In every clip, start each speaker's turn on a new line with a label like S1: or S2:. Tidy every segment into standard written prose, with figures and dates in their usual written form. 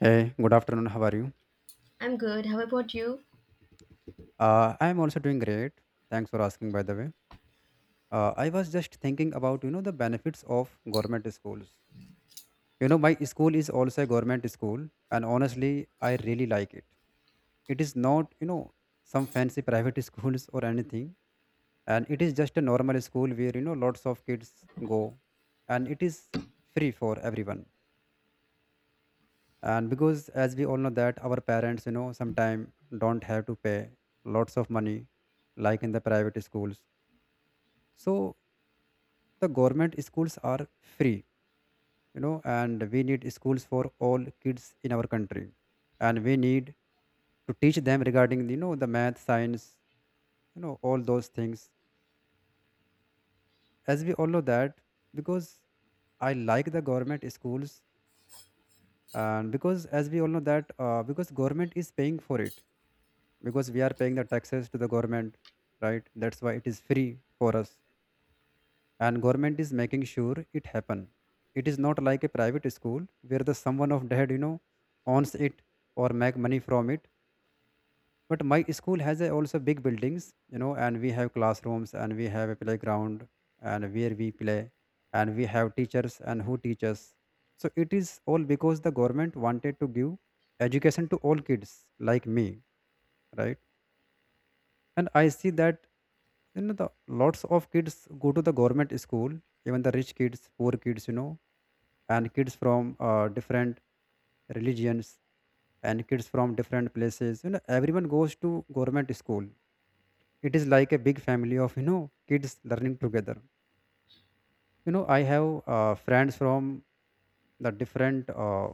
S1: Hey, good afternoon. How are you?
S2: I'm good. How about you?
S1: I am also doing great. Thanks for asking, by the way. I was just thinking about, you know, the benefits of government schools. You know, my school is also a government school, and honestly, I really like it. It is not, you know, some fancy private schools or anything, and it is just a normal school where, you know, lots of kids go, and it is free for everyone, and because as we all know that our parents, you know, sometimes don't have to pay lots of money like in the private schools. So the government schools are free, you know, and we need schools for all kids in our country, and we need to teach them regarding, you know, the math, science, you know, all those things. As we all know that, because I like the government schools, and because as we all know that, because government is paying for it, because we are paying the taxes to the government, right? That's why it is free for us, and government is making sure it happen. It is not like a private school where the someone of dead, you know, owns it or make money from it. But my school has a also big buildings, you know, and we have classrooms and we have a playground and where we play, and we have teachers and who teach us. So it is all because the government wanted to give education to all kids like me, right? And I see that, you know, the lots of kids go to the government school, even the rich kids, poor kids, you know, and kids from different religions, and kids from different places, you know, everyone goes to government school. It is like a big family of, you know, kids learning together. You know, I have friends from the different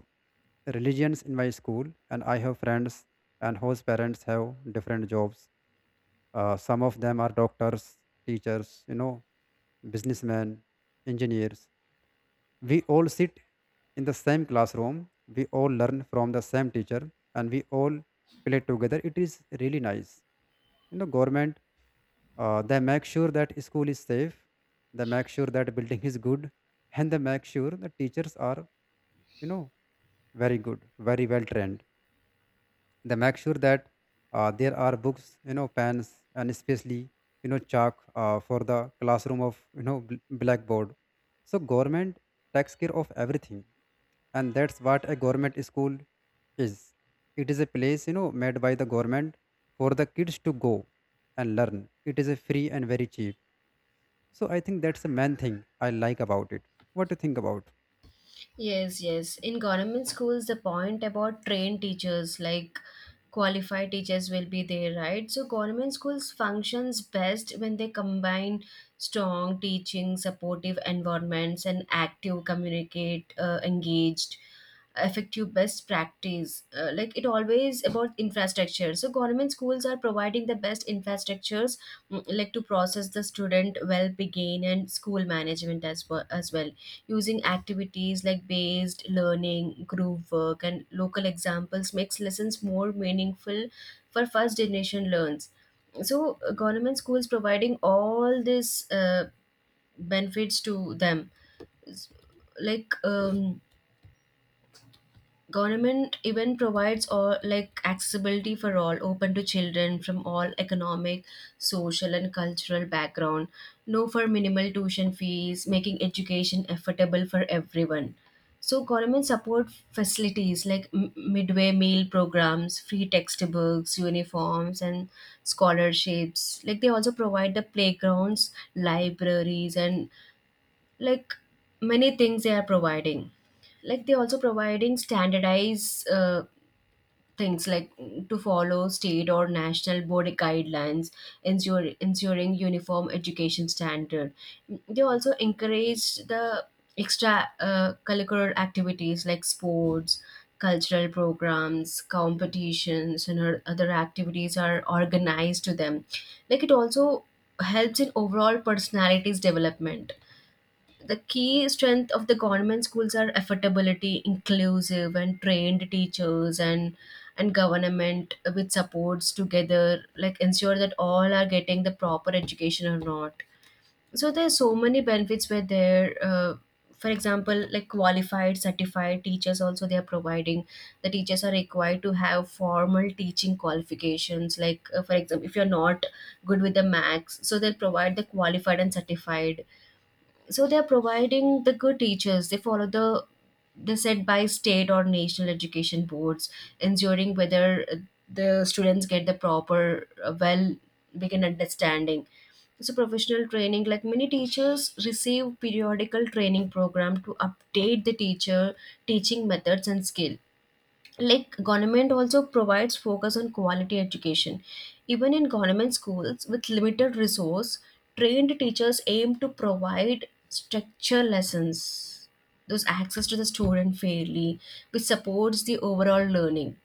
S1: religions in my school, and I have friends and whose parents have different jobs. Some of them are doctors, teachers, you know, businessmen, engineers. We all sit in the same classroom, we all learn from the same teacher, and we all play together. It is really nice. You know, government, they make sure that school is safe, they make sure that building is good, and they make sure that teachers are, you know, very good, very well trained. They make sure that, there are books, you know, pens, and especially, you know, chalk, for the classroom of, you know, blackboard. So government takes care of everything, and that's what a government school is. It is a place, you know, made by the government for the kids to go and learn. It is a free and very cheap. So I think that's the main thing I like about it. What do you think about?
S2: Yes, yes. In government schools, the point about trained teachers, like qualified teachers, will be there, right? So government schools functions best when they combine strong teaching, supportive environments, and active, communicate, engaged, effective best practice. Like it always about infrastructure. So government schools are providing the best infrastructures, like to process the student well, begin and school management as well as well. Using activities like based learning, group work, and local examples makes lessons more meaningful for first generation learns. So government schools providing all these benefits to them. Like, government even provides all like accessibility for all open to children from all economic, social and cultural background, no for minimal tuition fees, making education affordable for everyone. So government support facilities like midway meal programs, free textbooks, uniforms and scholarships. Like they also provide the playgrounds, libraries and like many things they are providing. Like they also providing standardized things like, to follow state or national board guidelines, ensuring uniform education standard. Mm, they also encourage the extra curricular activities like sports, cultural programs, competitions and other activities are organized to them. Like it also helps in overall personalities development. The key strength of the government schools are affordability, inclusive and trained teachers, and government with supports together like ensure that all are getting the proper education or not. So there's so many benefits where there, for example like qualified certified teachers also they are providing. The teachers are required to have formal teaching qualifications, like for example if you're not good with the max, so they'll provide the qualified and certified. So they're providing the good teachers. They follow the set by state or national education boards, ensuring whether the students get the proper well begin understanding. So professional training, like many teachers receive periodical training program to update the teacher teaching methods and skill. Like government also provides focus on quality education even in government schools with limited resource. Trained teachers aim to provide structure lessons, those access to the student fairly, which supports the overall learning.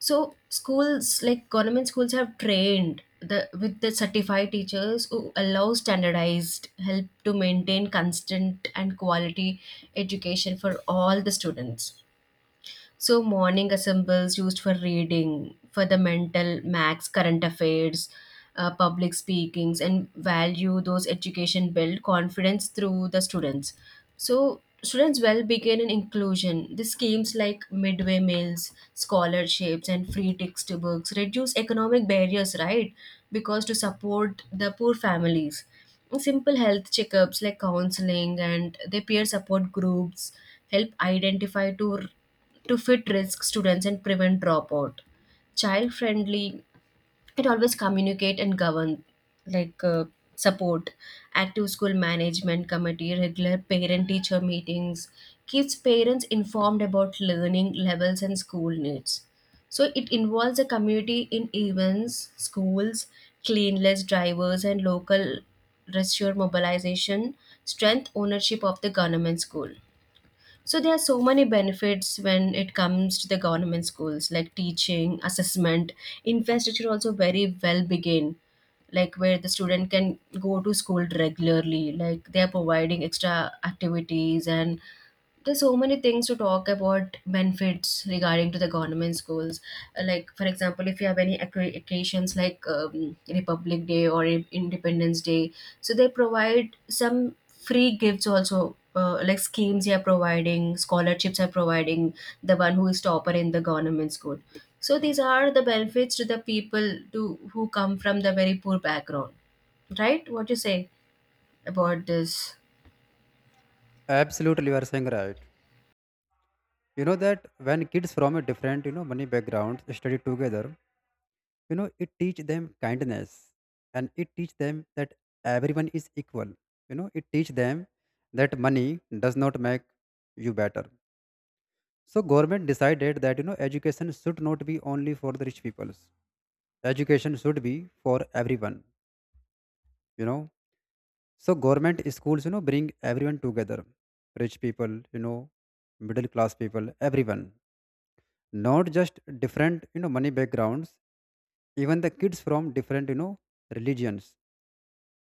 S2: So schools like government schools have trained the with the certified teachers who allow standardized help to maintain constant and quality education for all the students. So, morning assembles used for reading, for the mental max, current affairs, public speakings, and value those education build confidence through the students. So, students' well being in inclusion. The schemes like midway meals, scholarships, and free textbooks reduce economic barriers, right? Because to support the poor families. Simple health checkups like counseling and their peer support groups help identify to fit risk students and prevent dropout. Child friendly, it always communicate and govern, like, support, active school management committee, regular parent teacher meetings, keeps parents informed about learning levels and school needs. So it involves the community in events, schools, cleanliness drivers, and local research mobilization, strength ownership of the government school. So there are so many benefits when it comes to the government schools, like teaching, assessment, infrastructure also very well begin, like where the student can go to school regularly, like they are providing extra activities and there's so many things to talk about benefits regarding to the government schools. Like for example if you have any occasions like, republic day or independence day, so they provide some free gifts also, like schemes they are providing, scholarships are providing the one who is topper in the government school. So these are the benefits to the people to who come from the very poor background, right? What you say about this?
S1: Absolutely, you are saying right. You know that when kids from a different, you know, money backgrounds study together, you know, it teach them kindness, and it teach them that everyone is equal. You know, it teach them that money does not make you better. So government decided that, you know, education should not be only for the rich peoples. Education should be for everyone, you know. So government schools, you know, bring everyone together, rich people, you know, middle class people, everyone, not just different, you know, money backgrounds. Even the kids from different, you know, religions.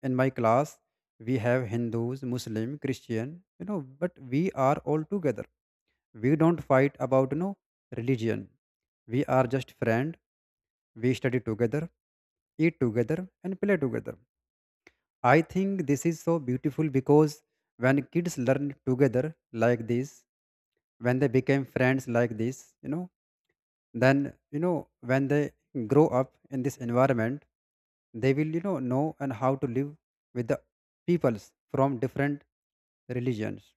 S1: In my class, we have hindus, muslim, christian, you know, but we are all together. We don't fight about, you know, religion. We are just friend. We study together, eat together, and play together. I think this is so beautiful, because when kids learn together like this, when they become friends like this, you know, then, you know, when they grow up in this environment, they will, you know and how to live with the peoples from different religions.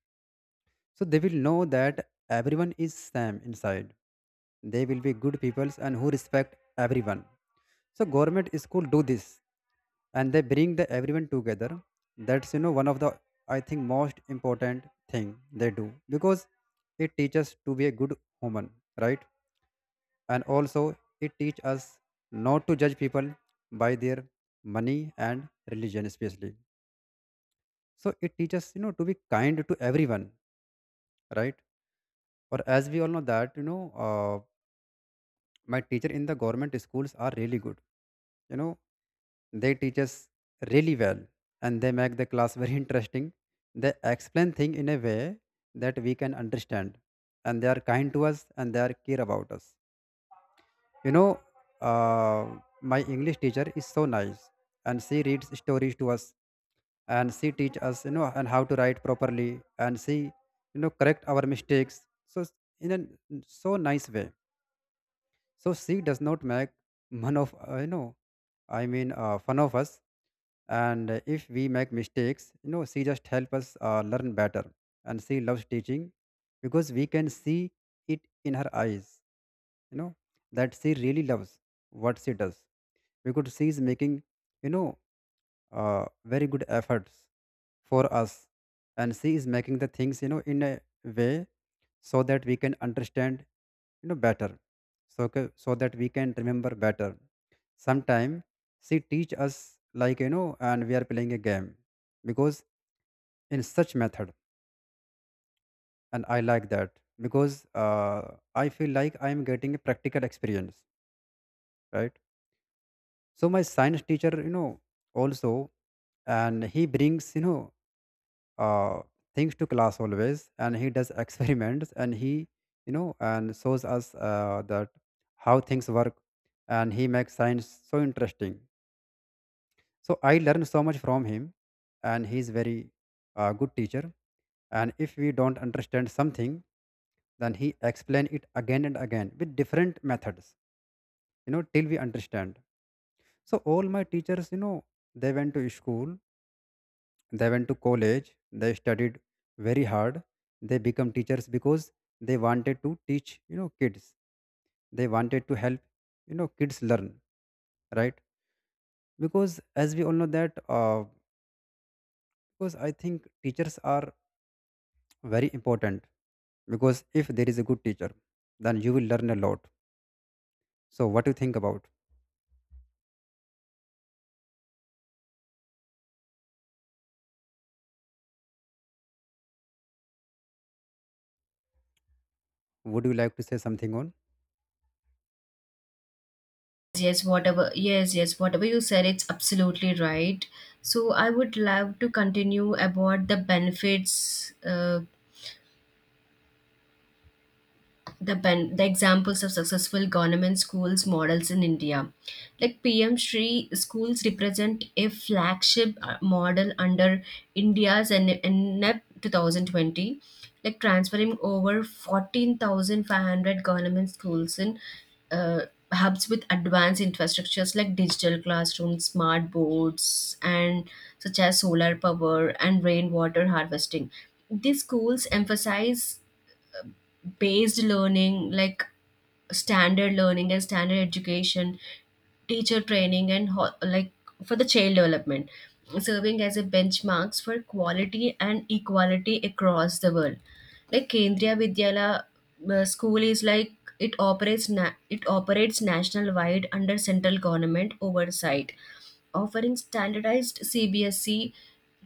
S1: So they will know that everyone is same inside. They will be good peoples and who respect everyone. So government school do this, and they bring the everyone together. That's, you know, one of the, I think, most important thing they do, because it teaches to be a good human, right? And also it teach us not to judge people by their money and religion especially. So it teaches, you know, to be kind to everyone, right? Or as we all know that, you know, uh, my teacher in the government schools are really good, you know, they teach us really well, and they make the class very interesting. They explain things in a way that we can understand, and they are kind to us, and they are care about us. You know, my English teacher is so nice, and she reads stories to us, and she teach us, you know, and how to write properly, and she, you know, correct our mistakes. So in a so nice way. So she does not make one of, you know, fun of us. And if we make mistakes, you know, she just help us learn better. And she loves teaching, because we can see it in her eyes, you know, that she really loves what she does, because she is making, you know, uh, very good efforts for us, and she is making the things, you know, in a way so that we can understand, you know, better. So so that we can remember better. Sometime she teach us like, you know, and we are playing a game, because in such method, and I like that because, uh, I feel like I am getting a practical experience, right? So my science teacher, you know, also, and he brings, you know, uh, things to class always, and he does experiments, and he, you know, and shows us that how things work, and he makes science so interesting. So I learned so much from him, and he's very good teacher. And if we don't understand something, then he explain it again and again with different methods, you know, till we understand. So all my teachers, you know, they went to school. They went to college, they studied very hard, they become teachers because they wanted to teach, you know, kids. They wanted to help, you know, kids learn, right? Because as we all know that, because I think teachers are very important, because if there is a good teacher, then you will learn a lot. So what do you think about? Would you like to say something on?
S2: Yes, whatever. Yes, yes, whatever you said, it's absolutely right. So I would love to continue about the benefits, the the examples of successful government schools models in India. Like PM Shri schools represent a flagship model under India's NEP 2020, like transferring over 14,500 government schools in uh, hubs with advanced infrastructures like digital classrooms, smart boards, and such as solar power and rainwater harvesting. These schools emphasize based learning like standard learning and standard education, teacher training and like for the child development, serving as a benchmarks for quality and equality across the world. Like Kendriya Vidyala school is like, it operates it operates national wide under central government oversight, offering standardized CBSE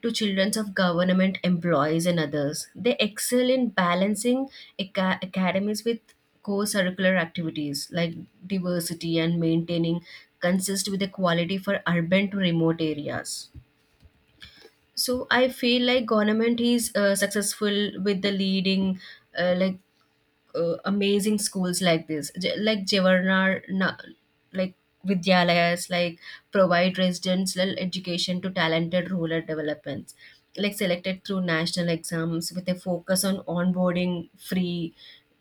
S2: to children of government employees and others. They excel in balancing academies with co curricular activities like diversity and maintaining consist with equality for urban to remote areas. So I feel like government is successful with the leading like, amazing schools like this like Jawaharlal like Vidyalayas, like, provide residential education to talented rural developments, like selected through national exams with a focus on onboarding free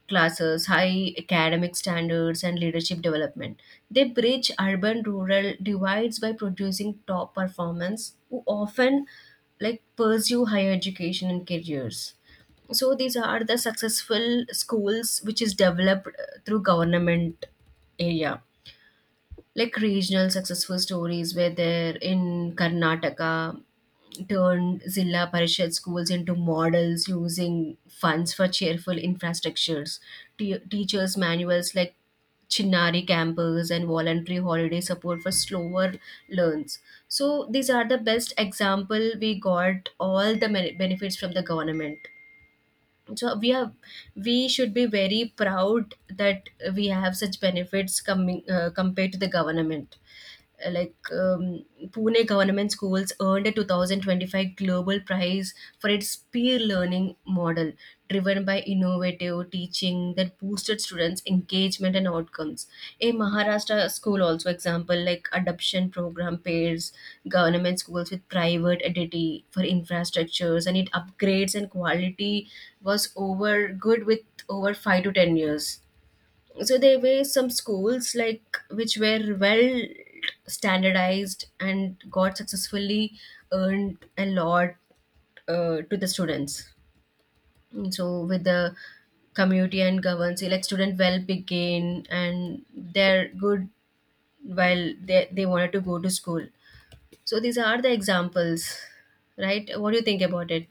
S2: classes, high academic standards and leadership development. They bridge urban rural divides by producing top performers who often like pursue higher education and careers. So these are the successful schools which is developed through government area. Like regional successful stories were there in Karnataka, turned Zilla Parishad schools into models using funds for cheerful infrastructures. Teachers' manuals like Chinnari campers and voluntary holiday support for slower learns. So these are the best example we got all the benefits from the government. So we are, we should be very proud that we have such benefits coming, compared to the government. Like, Pune Government Schools earned a 2025 Global Prize for its peer learning model, driven by innovative teaching that boosted students' engagement and outcomes. A Maharashtra school also example like adoption program pairs government schools with private entity for infrastructures and it upgrades and quality was over good with over 5 to 10 years. So there were some schools like which were well standardized and got successfully earned a lot to the students. So with the community and governance, like student well begin and they're good while they wanted to go to school. So these are the examples, right? What do you think about it?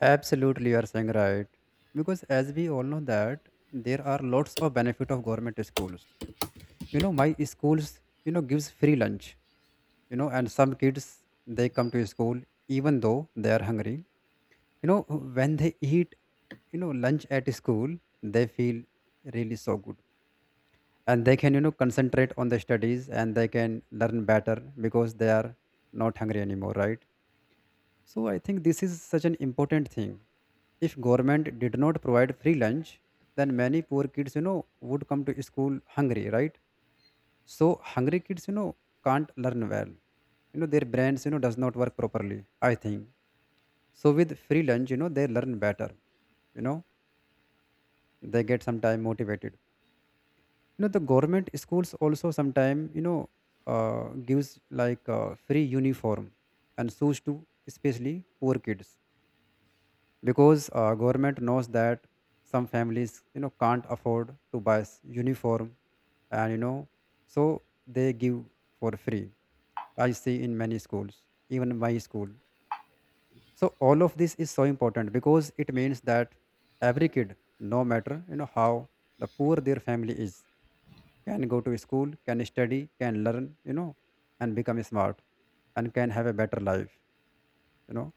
S1: Absolutely, you are saying right. Because as we all know that there are lots of benefit of government schools. You know, my schools, you know, gives free lunch, you know, and some kids, they come to school even though they are hungry, you know. When they eat, you know, lunch at school, they feel really so good, and they can, you know, concentrate on the studies, and they can learn better, because they are not hungry anymore, right? So I think this is such an important thing. If government did not provide free lunch, then many poor kids, you know, would come to school hungry, right? So hungry kids, you know, can't learn well. You know, their brains, you know, does not work properly, I think. So with free lunch, you know, they learn better. You know, they get sometime motivated. You know, the government schools also sometime, you know, gives like free uniform and shoes to especially poor kids, because government knows that some families, you know, can't afford to buy uniform and, you know, so they give for free. I see in many schools, even in my school. So all of this is so important, because it means that every kid, no matter, you know, how the poor their family is, can go to school, can study, can learn, you know, and become smart, and can have a better life. You know,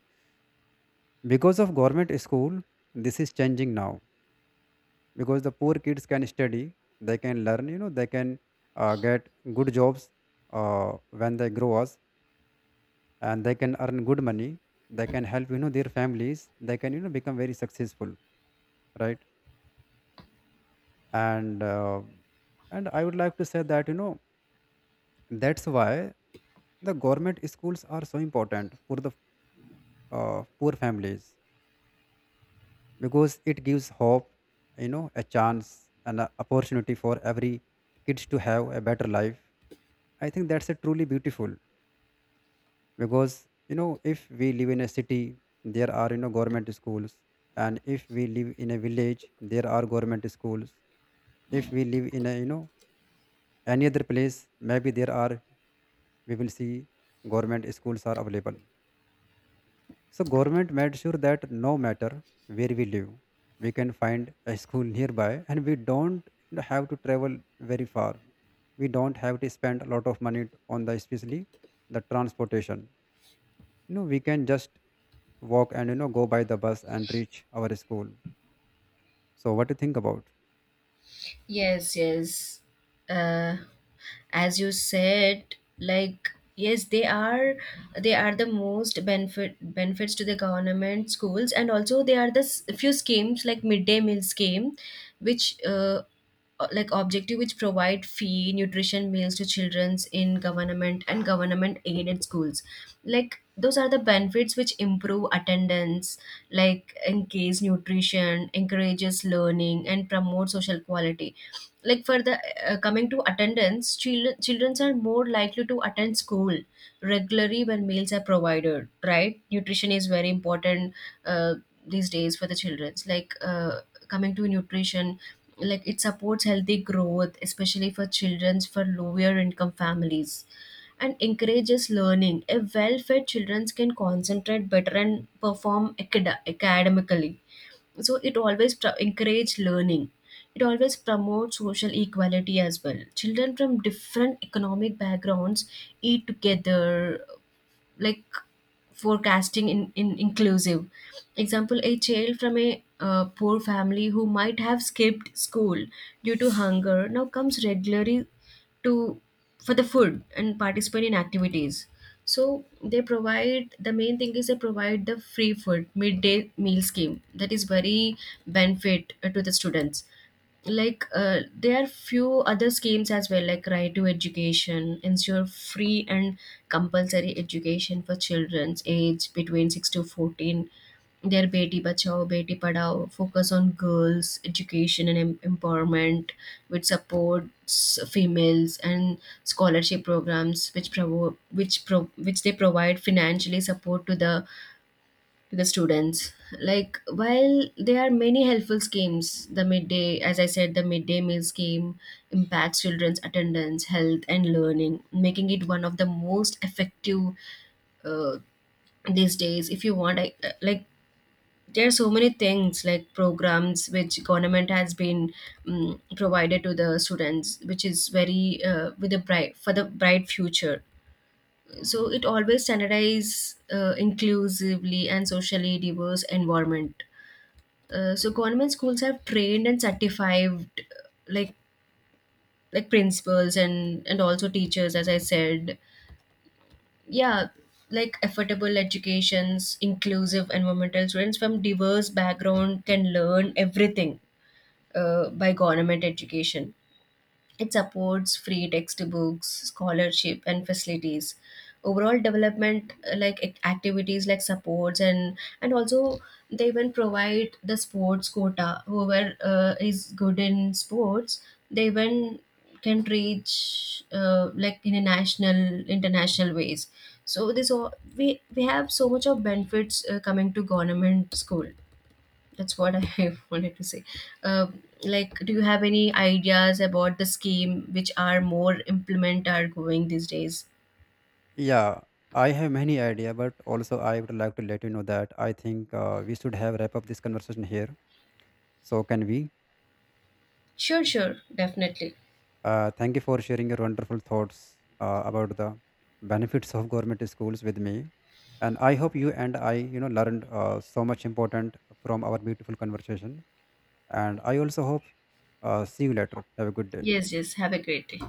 S1: because of government school, this is changing now. Because the poor kids can study, they can learn, you know, they can get good jobs when they grow up, and they can earn good money. They can help, you know, their families. They can, you know, become very successful, right? And and I would like to say that, you know, that's why the government schools are so important for the poor families, because it gives hope, you know, a chance, and an opportunity for every kids to have a better life. I think that's a truly beautiful, because you know, if we live in a city, there are, you know, government schools. And if we live in a village, there are government schools. If we live in a, you know, any other place, maybe there are, we will see government schools are available. So government made sure that no matter where we live, we can find a school nearby, and we don't, you know, have to travel very far. We don't have to spend a lot of money on the especially the transportation. You know, we can just walk and, you know, go by the bus and reach our school. So what do you think about?
S2: Yes, yes. Uh, as you said, like, yes, they are, they are the most benefits to the government schools, and also they are the few schemes like midday meal scheme, which like objective which provide free nutrition meals to childrens in government and government aided schools. Like those are the benefits which improve attendance, like engage nutrition, encourages learning and promote social quality. Like for the, coming to attendance, children are more likely to attend school regularly when meals are provided, right? Nutrition is very important, uh, these days for the children's, like, coming to nutrition, like it supports healthy growth especially for children's for lower income families, and encourages learning. A well-fed children can concentrate better and perform academically. So it always encourage learning. It always promotes social equality as well. Children from different economic backgrounds eat together, like forecasting in, inclusive. Example, a child from a poor family who might have skipped school due to hunger now comes regularly to for the food and participate in activities. So they provide the main thing is they provide the free food midday meal scheme. That is very benefit to the students. Like there are few other schemes as well, like right to education ensure free and compulsory education for children's age between 6 to 14, their beti bachao beti padao, focus on girls education and empowerment which supports females, and scholarship programs which which they provide financially support to the students. Like while there are many helpful schemes, the midday, as I said, the midday meal scheme impacts children's attendance, health, and learning, making it one of the most effective uh, these days. If you want, I, like, there are so many things like programs which government has been provided to the students, which is very with a bright for the bright future. So it always standardize inclusively and socially diverse environment. So government schools have trained and certified, like like principals and also teachers, as I said, yeah, like affordable educations, inclusive environmental students from diverse background can learn everything by government education. It supports free textbooks, scholarship, and facilities. Overall development, like activities like supports, and also they even provide the sports quota. Whoever is good in sports, they even can reach like in a national, international ways. So this all, we have so much of benefits coming to government school. That's what I wanted to say. Like, do you have any ideas about the scheme which are more implement are going these days?
S1: Yeah, I have many idea, but also I would like to let you know that I think we should have wrap up this conversation here. So can we,
S2: Sure, sure, definitely.
S1: thank you for sharing your wonderful thoughts about the benefits of government schools with me. And I hope you and I, you know, learned so much important from our beautiful conversation. And I also hope, see you later. Have a good day.
S2: Yes, yes. Have a great day.